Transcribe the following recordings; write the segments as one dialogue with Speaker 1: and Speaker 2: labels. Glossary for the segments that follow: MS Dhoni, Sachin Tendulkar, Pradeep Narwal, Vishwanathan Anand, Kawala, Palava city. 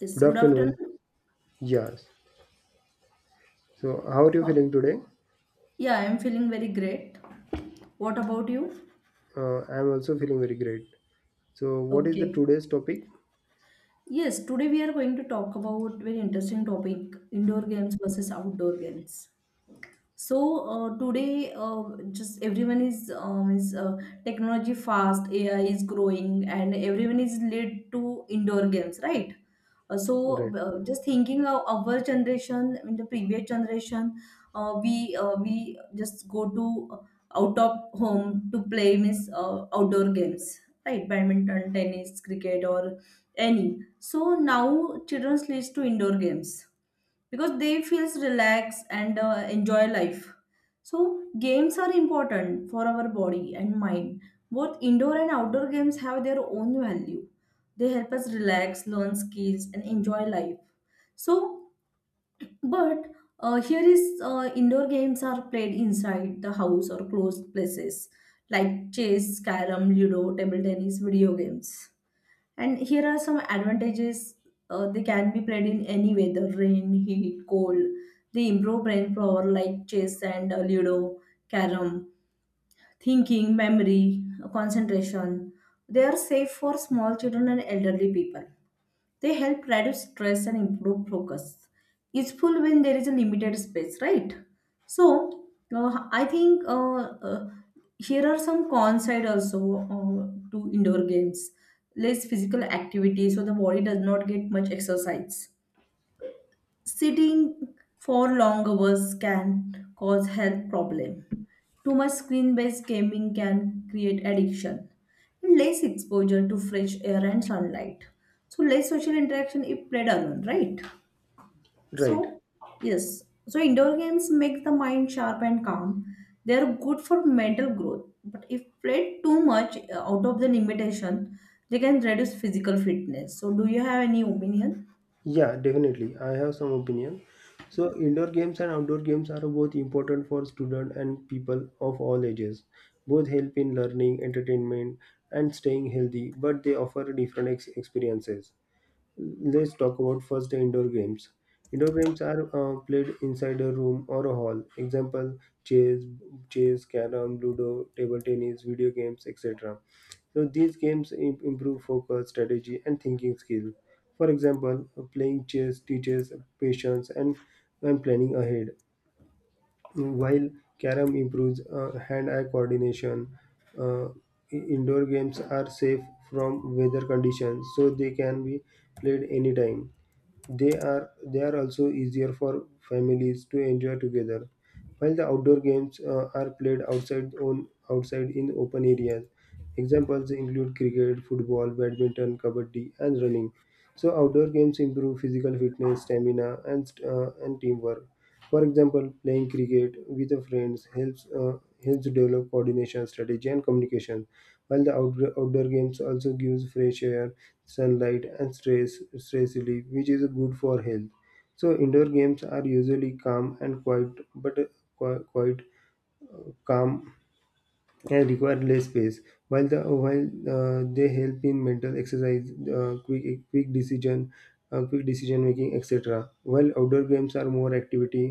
Speaker 1: This
Speaker 2: Good
Speaker 1: good
Speaker 2: afternoon.
Speaker 1: afternoon.
Speaker 2: Yes. So, how are you
Speaker 1: How-
Speaker 2: feeling today?
Speaker 1: Yeah, I'm feeling very great. What about you?
Speaker 2: I am also feeling very great. So, what is the
Speaker 1: Okay.
Speaker 2: today's topic?
Speaker 1: Yes, today we are going to talk about very interesting topic, indoor games versus outdoor games. So today, just everyone is technology fast. AI is growing, and everyone is led to indoor games, right?
Speaker 2: Right.
Speaker 1: Just thinking of our generation, in the previous generation, we just go to out of home to play means outdoor games, right? Badminton, tennis, cricket, or any. So now children leads to indoor games because they feels relaxed and enjoy life. So games are important for our body and mind. Both indoor and outdoor games have their own value. They help us relax, learn skills, and enjoy life. So but Here is, indoor games are played inside the house or closed places like chess, carom, ludo, table tennis, video games. And here are some advantages. They can be played in any weather, rain, heat, cold. They improve brain power like chess and Ludo, carom, thinking, memory, concentration. They are safe for small children and elderly people. They help reduce stress and improve focus. Useful when there is a limited space, right? So, I think uh, here are some cons side also uh, to indoor games. Less physical activity, so the body does not get much exercise. Sitting for long hours can cause health problem. Too much screen-based gaming can create addiction. And less exposure to fresh air and sunlight. So less social interaction if played alone, right?
Speaker 2: Right.
Speaker 1: So, yes. So indoor games make the mind sharp and calm. They are good for mental growth. But if played too much out of the limitation, they can reduce physical fitness. So, do you have any opinion?
Speaker 2: Yeah, definitely. I have some opinion. So, indoor games and outdoor games are both important for students and people of all ages. Both help in learning, entertainment, and staying healthy, but they offer different experiences. Let's talk about first the indoor games. Indoor games are played inside a room or a hall. Example: chess, chess, carrom, ludo, table tennis, video games, etc. So these games improve focus, strategy, and thinking skill. For example, playing chess teaches patience and planning ahead, while carrom improves hand-eye coordination. Uh, Indoor games are safe from weather conditions, so they can be played anytime. They are also easier for families to enjoy together. While the outdoor games are played outside on outside in open areas. Examples include cricket, football, badminton, kabaddi, and running. So outdoor games improve physical fitness, stamina, and teamwork. For example, playing cricket with a friends helps helps develop coordination, strategy, and communication. While the outdoor games also gives fresh air, sunlight, and stress relief, which is good for health. So indoor games are usually calm and quiet, but quite calm, can require less space. While they help in mental exercise, uh, quick quick decision, quick decision making, etc. While outdoor games are more activity,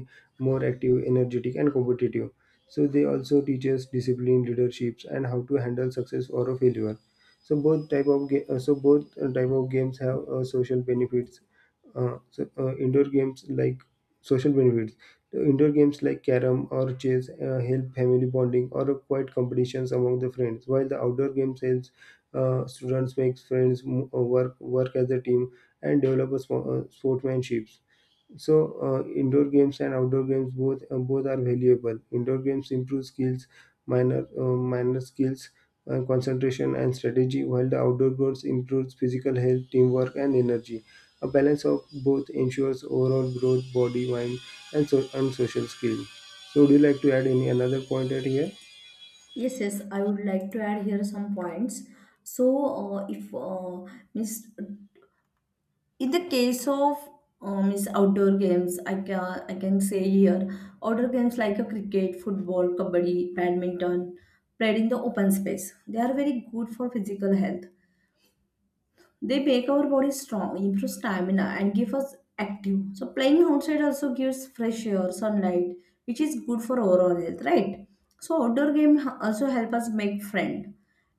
Speaker 2: more active, energetic, and competitive. So they also teach us discipline, leaderships, and how to handle success or a failure. So both type of ga- so both type of games have social benefits. Uh, so, indoor games like social benefits the Indoor games like carom or chess help family bonding or quiet competitions among the friends, while the outdoor games helps students make friends, work as a team, and develop sportsmanship. So indoor games and outdoor games both are valuable. Indoor games improve skills, minor skills, concentration and strategy, while the outdoor games improves physical health, teamwork, and energy. A balance of both ensures overall growth, body, mind, and social skill. So, would you like to add any another point at here?
Speaker 1: Yes, yes, I would like to add here some points. So, if means in the case of means outdoor games, I can say here outdoor games like a cricket, football, kabaddi, badminton, played in the open space. They are very good for physical health. They make our body strong, improve stamina, and give us active. So playing outside also gives fresh air, sunlight, which is good for overall health, right? So outdoor also help us make friend,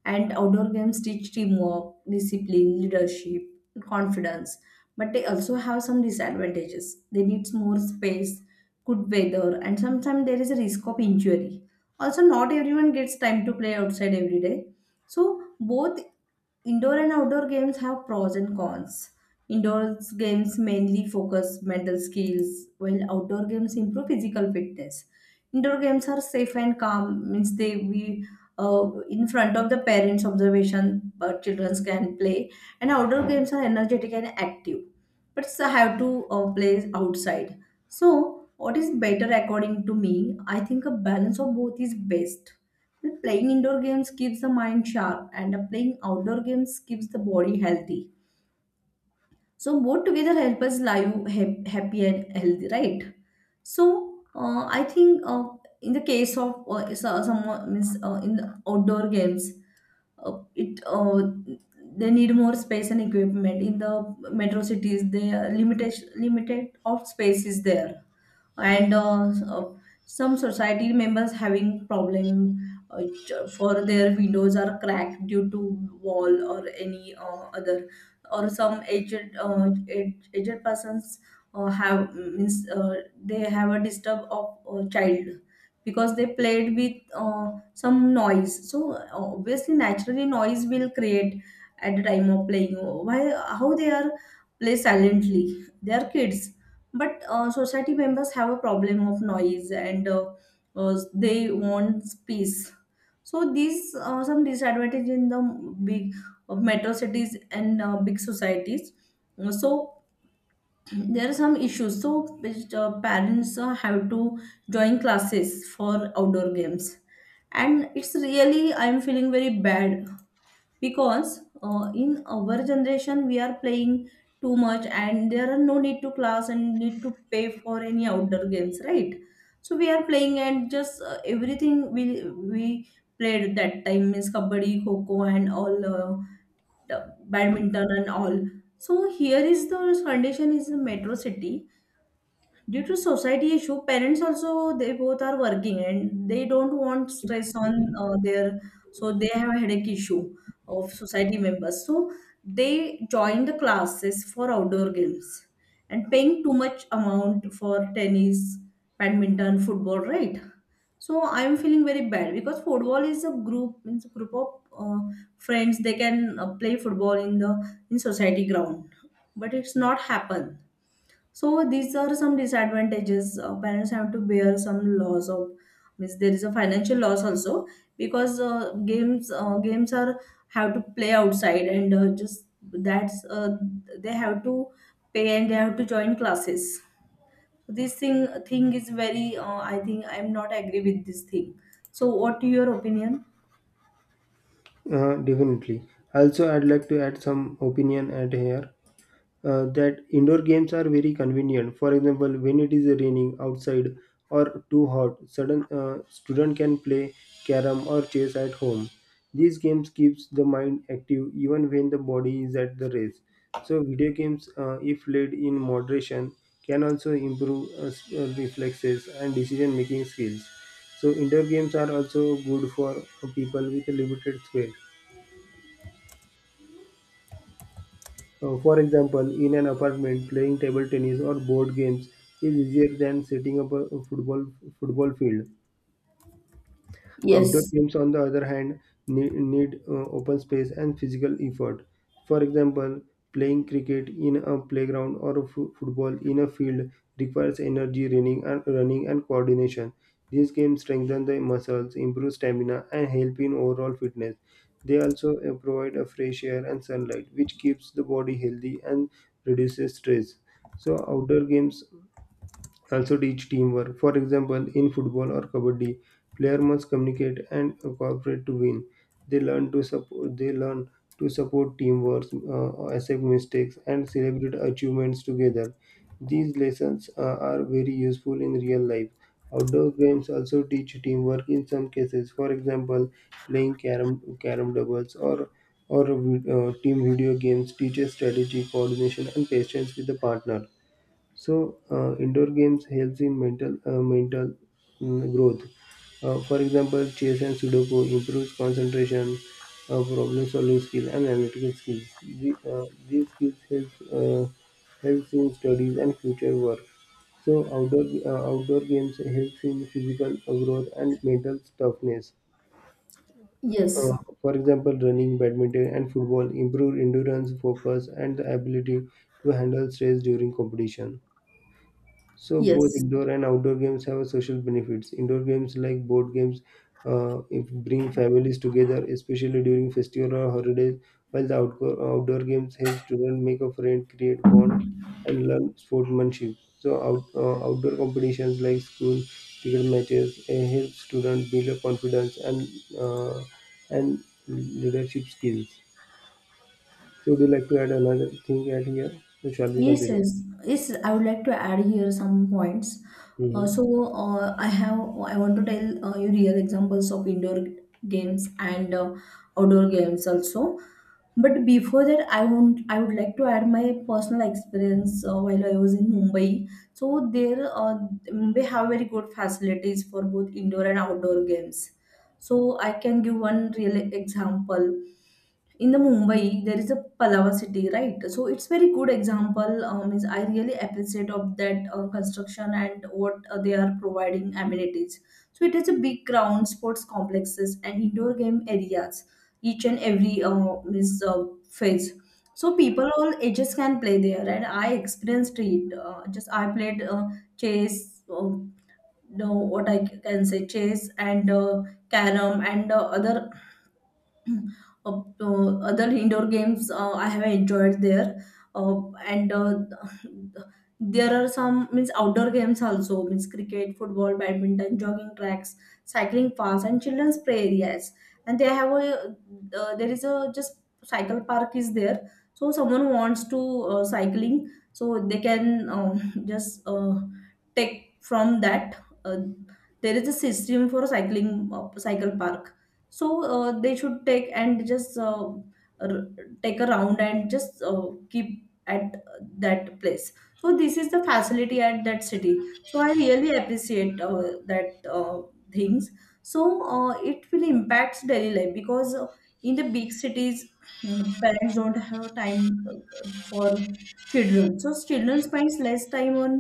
Speaker 1: and outdoor games teach teamwork, discipline, leadership, confidence. But they also have some disadvantages. They need more space, good weather, and sometimes there is a risk of injury. Also, not everyone gets time to play outside every day. So both indoor and outdoor games have pros and cons. Indoor games mainly focus mental skills, while outdoor games improve physical fitness. Indoor games are safe and calm, means they we in front of the parents' observation, but children can play. And outdoor games are energetic and active, but I have to play outside. So, what is better according to me? I think a balance of both is best. Well, playing indoor games keeps the mind sharp, and playing outdoor games keeps the body healthy. So, both together help us live happy and healthy, right? So, I think in the case of so- some means in outdoor games, it they need more space and equipment. In the metro cities, the limitation limited of space is there, and some society members having problem, for their windows are cracked due to wall or any other, or some aged persons have means they have a disturb of child because they played with some noise. So obviously, naturally, noise will create at the time of playing. Why how they are play silently? They are kids. But society members have a problem of noise, and they want peace. So these are some disadvantage in the big metro cities and big societies. So there are some issues. So which, parents have to join classes for outdoor games, and it's really I'm feeling very bad because in our generation we are playing too much and there are no need to class and need to pay for any outdoor games, right? So we are playing and just everything we played that time means kabaddi, kho, and all, the badminton and all. So here is the condition is a metro city. Due to society issue, parents also they both are working and they don't want stress on their. So they have a headache issue of society members. So they join the classes for outdoor games and paying too much amount for tennis, badminton, football, right? So I'm feeling very bad because football is a group, means a group of friends, they can play football in the in society ground, but it's not happen. So these are some disadvantages. Parents have to bear some loss of, means there is a financial loss also because games are have to play outside and just that's they have to pay and they have to join classes. So this thing is very I think I'm not agree with this thing. So what your opinion?
Speaker 2: Definitely. Also, I'd like to add some opinion at here. That indoor games are very convenient. For example, when it is raining outside or too hot, sudden student can play carom or chess at home. These games keeps the mind active even when the body is at the rest. So video games, if played in moderation, can also improve reflexes and decision making skills. So indoor games are also good for people with limited space. For example, in an apartment, playing table tennis or board games is easier than setting up a football field. Outdoor
Speaker 1: Yes.
Speaker 2: games, on the other hand, need open space and physical effort. For example, playing cricket in a playground or a football in a field requires energy, running and coordination. These games strengthen the muscles, improve stamina, and help in overall fitness. They also provide a fresh air and sunlight, which keeps the body healthy and reduces stress. So outdoor games also teach teamwork. For example, in football or kabaddi, player must communicate and cooperate to win. They learn to support. They learn to support teamwork, accept mistakes, and celebrate achievements together. These lessons are very useful in real life. Outdoor games also teach teamwork in some cases. For example, playing carom doubles or team video games teaches strategy, coordination, and patience with the partner. So indoor games helps in mental growth. For example, chess and Sudoku improves concentration, problem solving skill, and analytical skills. These skills helps helps in studies and future work. So outdoor games helps in physical growth and mental toughness.
Speaker 1: Yes.
Speaker 2: Uh, for example, running, badminton, and football improve endurance, focus, and the ability to handle stress during competition. So both
Speaker 1: Yes.
Speaker 2: indoor and outdoor games have social benefits. Indoor games like board games if bring families together, especially during festival or holidays, while the outdoor games help students make a friend, create bonds, and learn sportsmanship. So outdoor competitions like school cricket matches help students build a confidence and uh, and leadership skills. So would you like to add another thing at here? So, shall we
Speaker 1: Yes,
Speaker 2: continue?
Speaker 1: yes, yes. I would like to add here some points.
Speaker 2: Mhm.
Speaker 1: I want to tell you real examples of indoor games and outdoor games also. But before that, I would like to add my personal experience while I was in Mumbai. So there, Mumbai have very good facilities for both indoor and outdoor games. So I can give one real example. In the Mumbai, there is a Palava city, right? So it's very good example. Is I really appreciate of that construction and what they are providing amenities. So it has a big ground, sports complexes, and indoor game areas. Each and every means phase. So people all ages can play there, and I experienced it. Just I played chess. No, what I can say, chess and carom and other other indoor games I have enjoyed there, and there are some means outdoor games also, means cricket, football, badminton, jogging tracks, cycling paths, and children's play areas. And they have a there is a just cycle park is there, so someone wants to cycling, so they can just take from that. Uh, there is a system for cycling, cycle park, so they should take and just r- take a round and just keep at that place. So this is the facility at that city, so I really appreciate that things. So it will impact daily life because in the big cities, mm, parents don't have time for children, so children spends less time on,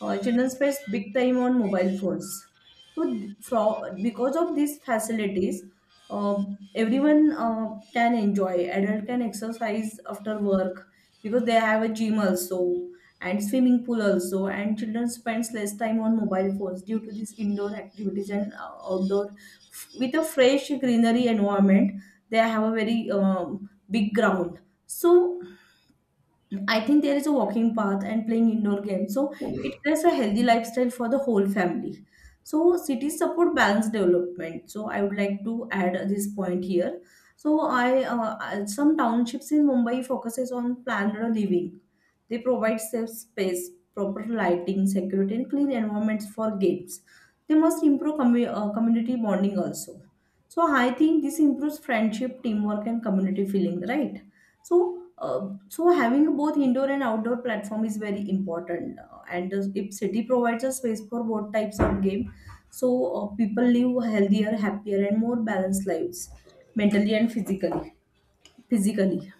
Speaker 1: children spends big time on mobile phones. So from, because of these facilities, uh, everyone can enjoy. Adult can exercise after work because they have a gym also and swimming pool also. And children spends less time on mobile phones due to these indoor activities and outdoor. With a fresh greenery environment, they have a very big ground. So I think there is a walking path and playing indoor games. So it creates a healthy lifestyle for the whole family. So cities support balanced development. So I would like to add this point here. So some townships in Mumbai focuses on planned living. They provide safe space, proper lighting, security, and clean environments for games. They must improve community bonding also. So I think this improves friendship, teamwork, and community feeling, right? So so having both indoor and outdoor platform is very important. And if city provides a space for both types of game, so people live healthier, happier, and more balanced lives, mentally and physically. Physically.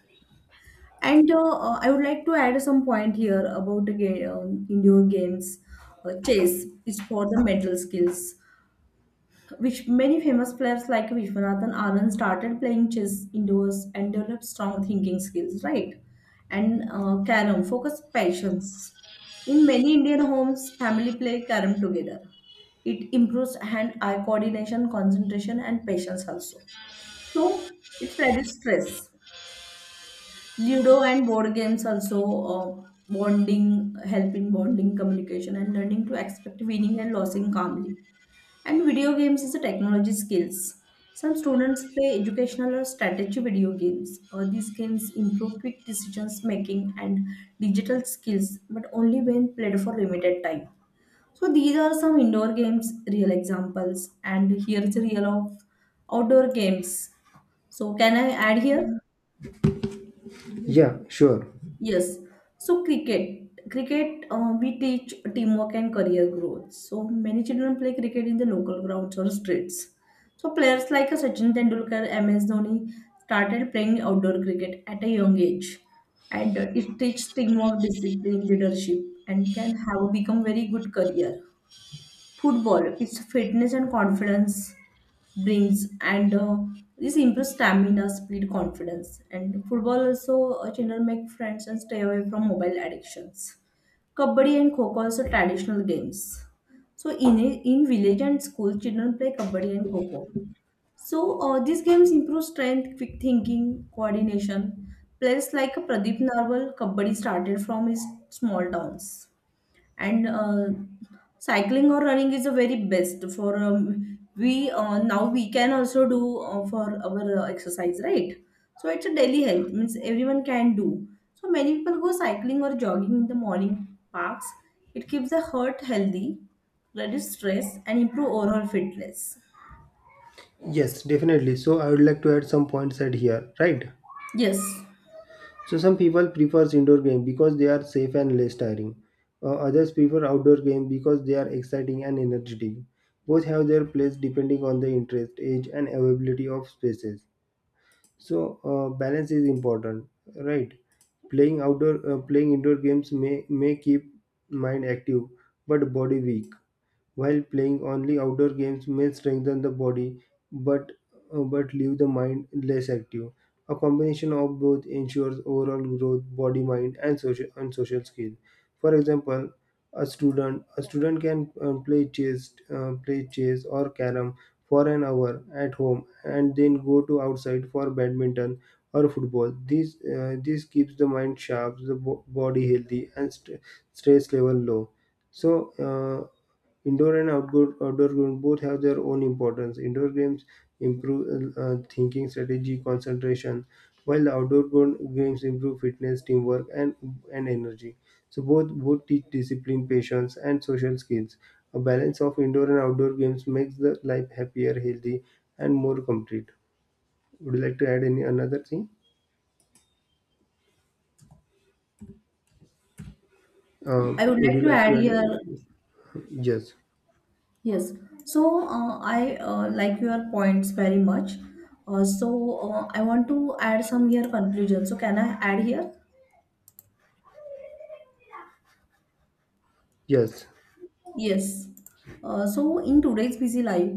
Speaker 1: And I would like to add some point here about the game, indoor games. Chess is for the mental skills, which many famous players like Vishwanathan Anand started playing chess indoors and developed strong thinking skills, right? And carom, focus, patience. In many Indian homes, family play carom together. It improves hand-eye coordination, concentration, and patience also. So it reduces stress. Ludo and board games also bonding help in bonding, communication, and learning to expect winning and losing calmly. And video games is a technology skills. Some students play educational or strategy video games. These games improve quick decisions making and digital skills, but only when played for limited time. So these are some indoor games, real examples, and here is a real of outdoor games. So can I add here?
Speaker 2: Yeah, sure.
Speaker 1: Yes. So cricket, we teach teamwork and career growth. So many children play cricket in the local grounds or streets. So players like Sachin Tendulkar, MS Dhoni started playing outdoor cricket at a young age, and it teaches teamwork, discipline, leadership, and can have become very good career. Football, it's fitness and confidence brings and this improves stamina, speed, confidence. And football also, children make friends and stay away from mobile addictions. Kabaddi and kho also traditional games. So in village and school children play kabaddi and kho. So these games improve strength, quick thinking, coordination. Players like Pradeep Narwal kabaddi started from his small towns. And cycling or running is the very best for we now we can also do for our exercise, right? So it's a daily health, means everyone can do. So many people go cycling or jogging in the morning parks. It keeps the heart healthy, reduce stress and improve overall fitness.
Speaker 2: Yes, definitely. So I would like to add some points at here, right?
Speaker 1: Yes,
Speaker 2: So some people prefers indoor game because they are safe and less tiring. Others prefer outdoor game because they are exciting and energetic. Both have their place depending on the interest, age, and availability of spaces. So balance is important, right? Playing indoor games may keep mind active but body weak. While playing only outdoor games may strengthen the body, but but leave the mind less active. A combination of both ensures overall growth, body, mind, and social skills. For example, a student can play chess or carom for an hour at home and then go to outside for badminton or football. This keeps the mind sharp, the body healthy, and stress level low. So uh, Indoor and outdoor games both have their own importance. Indoor games improve thinking, strategy, concentration, while the games improve fitness, teamwork, and energy. So both teach discipline, patience, and social skills. A balance of indoor and outdoor games makes the life happier, healthy, and more complete. Would you like to add any another thing?
Speaker 1: I would
Speaker 2: Would
Speaker 1: like
Speaker 2: you
Speaker 1: to
Speaker 2: like to
Speaker 1: add here.
Speaker 2: add? Yes,
Speaker 1: Yes, so I like your points very much. So I want to add some here conclusion. So can I add here?
Speaker 2: yes,
Speaker 1: Yes. So in today's busy life,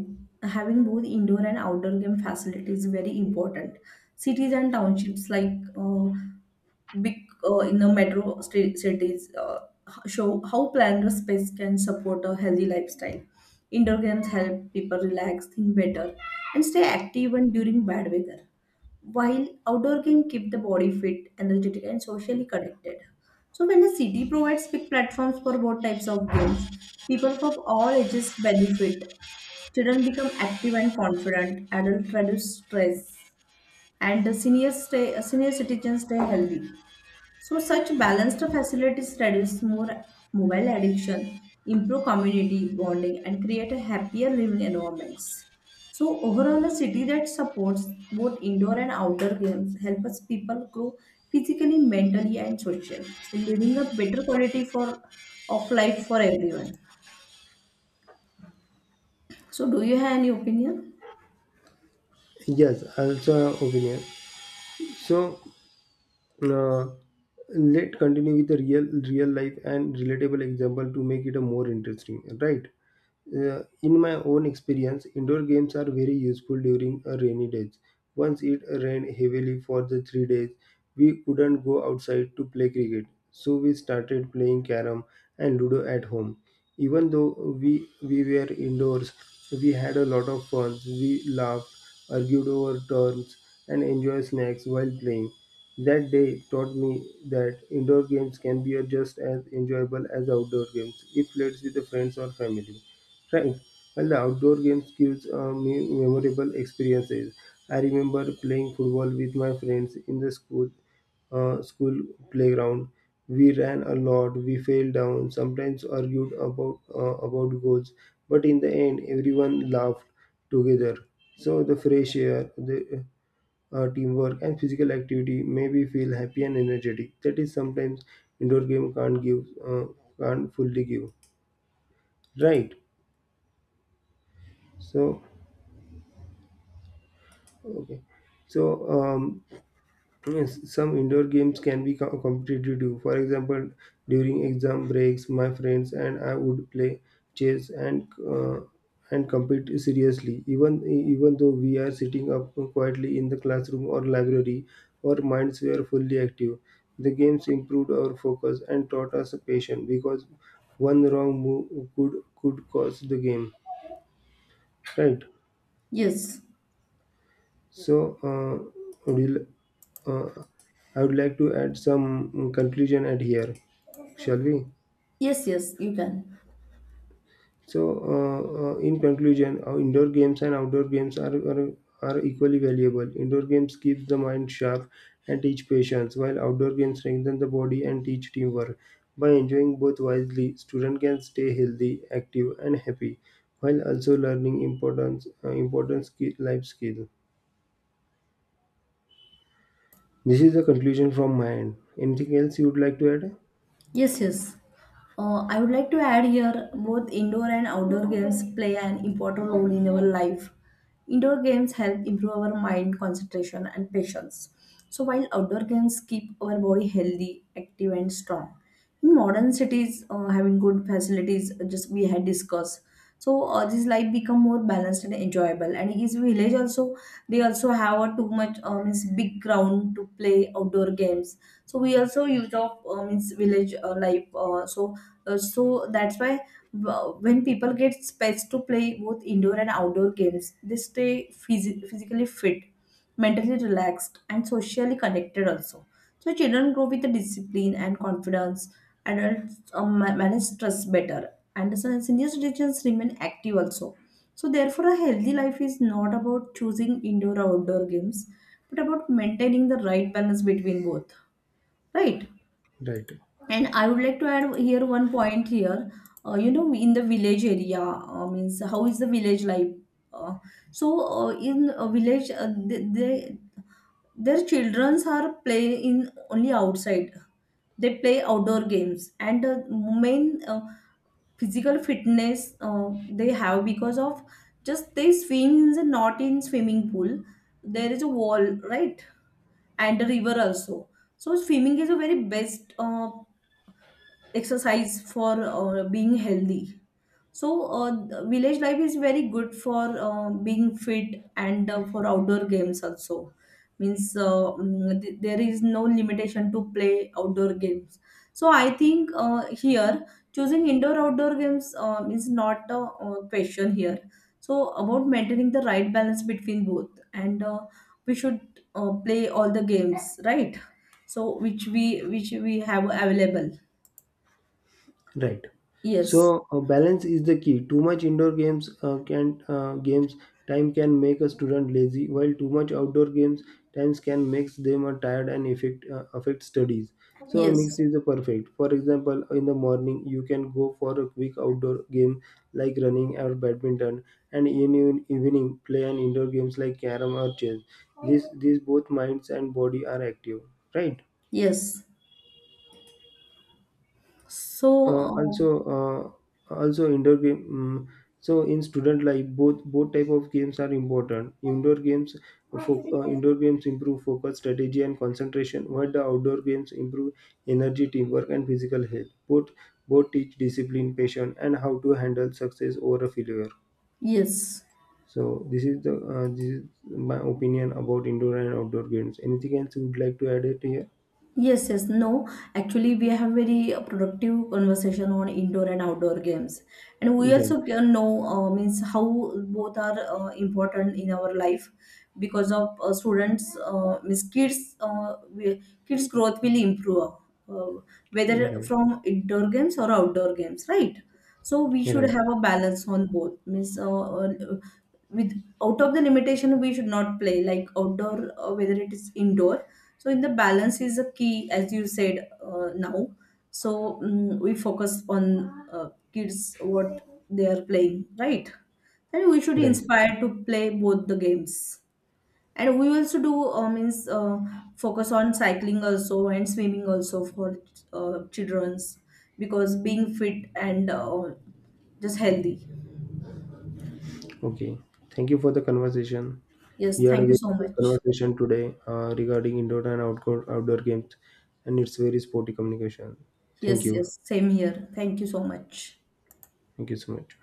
Speaker 1: having both indoor and outdoor game facilities is very important. Cities and townships like big in the cities, show how planner space can support a healthy lifestyle. Indoor games help people relax, think better, and stay active even during bad weather. While outdoor games keep the body fit, energetic, and socially connected. So when a city provides big platforms for both types of games, people from all ages benefit. Children become active and confident. Adults reduce stress, and senior citizens stay healthy. So such balanced facilities reduce more mobile addiction, improve community bonding, and create a happier living environments. So overall, a city that supports both indoor and outdoor games helps people grow physically, mentally, and socially. So leading a better quality for of life for everyone. So do you have any opinion?
Speaker 2: yes. Also, opinion. So. Uh, let continue with the real life and relatable example to make it a more interesting, right? In my own experience, indoor games are very useful during a rainy days. Once it rained heavily for the 3 days, we couldn't go outside to play cricket, so we started playing carom and ludo at home. Even though we were indoors, we had a lot of fun. We laughed, argued over turns, and enjoyed snacks while playing. That day taught me that indoor games can be just as enjoyable as outdoor games if played with friends or family, right? And the outdoor games gives me memorable experiences. I remember playing football with my friends in the school playground. We ran a lot. We fell down. Sometimes argued about goals, but in the end, everyone laughed together. So the fresh air, the teamwork, and physical activity made me feel happy and energetic. That is sometimes indoor game can't fully give. Right. So okay. So, yes, some indoor games can be competitive. For example, during exam breaks, my friends and I would play chess and compete seriously. Even though we are sitting up quietly in the classroom or library, our minds were fully active. The games improved our focus and taught us patience because one wrong move could cause the game. Right.
Speaker 1: Yes,
Speaker 2: So, would you uh, I would like to add some conclusion at here, shall we?
Speaker 1: yes, yes, you can.
Speaker 2: So, in conclusion, indoor games and outdoor games are equally valuable. Indoor games keep the mind sharp and teach patience, while outdoor games strengthen the body and teach teamwork. By enjoying both wisely, student can stay healthy, active, and happy, while also learning importance important skill, life skill. This is the conclusion from my end. Anything else you would like to add?
Speaker 1: Yes, yes. I would like to add here both indoor and outdoor games play an important role in our life. Indoor games help improve our mind concentration and patience. So while outdoor games keep our body healthy, active and strong. In modern cities, having good facilities, just we had discussed. So this life become more balanced and enjoyable. And his village also, they also have a too much means big ground to play outdoor games. So we also use of means village life. So that's why when people get space to play both indoor and outdoor games, they stay physically fit, mentally relaxed, and socially connected also. So children grow with the discipline and confidence. Adults manage stress better, and the senior citizens remain active also. So therefore, a healthy life is not about choosing indoor or outdoor games, but about maintaining the right balance between both. Right?
Speaker 2: Right.
Speaker 1: And I would like to add here one point here. You know, in the village area, means how is the village life? Uh, in a village, they their childrens are play in only outside. They play outdoor games, and main physical fitness they have because of just they swim in the not in swimming pool. There is a wall, right? And a river also. So swimming is a very best exercise for being healthy. So, the village life is very good for being fit and for outdoor games also. Means there is no limitation to play outdoor games. So, I think here choosing indoor outdoor games is not a question here. So, about maintaining the right balance between both, and we should play all the games, right? So, which we have available.
Speaker 2: Right.
Speaker 1: Yes,
Speaker 2: So balance is the key. Too much indoor games can games time can make a student lazy, while too much outdoor games times can makes them tired and affect studies. So a
Speaker 1: yes,
Speaker 2: mix is the perfect. For example, in the morning you can go for a quick outdoor game like running or badminton, and in even evening play an indoor games like carom or chess. This These both minds and body are active. Right.
Speaker 1: yes. So,
Speaker 2: uh, also Also indoor game. So in student life both type of games are important. Indoor games improve focus, strategy, and concentration, while the outdoor games improve energy, teamwork, and physical health. Both teach discipline, patience, and how to handle success over a failure.
Speaker 1: yes,
Speaker 2: So this is the this is my opinion about indoor and outdoor games. Anything else you would like to add it here?
Speaker 1: yes, yes. No, actually, we have very productive conversation on indoor and outdoor games, and we
Speaker 2: right
Speaker 1: also can know means how both are important in our life because of students means kids growth will improve uh, whether
Speaker 2: right
Speaker 1: from indoor games or outdoor games, right? So we should
Speaker 2: right
Speaker 1: have a balance on both means. With out of the limitation we should not play like outdoor or whether it is indoor. So in the balance is a key as you said now. So we focus on kids what they are playing, right? And we should
Speaker 2: right.
Speaker 1: inspire to play both the games. And we also do means focus on cycling also and swimming also for children's, because being fit and just healthy.
Speaker 2: Okay, thank you for the conversation.
Speaker 1: Yes,
Speaker 2: We had a
Speaker 1: thank you
Speaker 2: very
Speaker 1: so
Speaker 2: good
Speaker 1: much.
Speaker 2: conversation today regarding indoor and outdoor games, and it's very sporty communication. Thank
Speaker 1: Yes,
Speaker 2: you.
Speaker 1: yes, same here. Thank you so much.
Speaker 2: Thank you so much.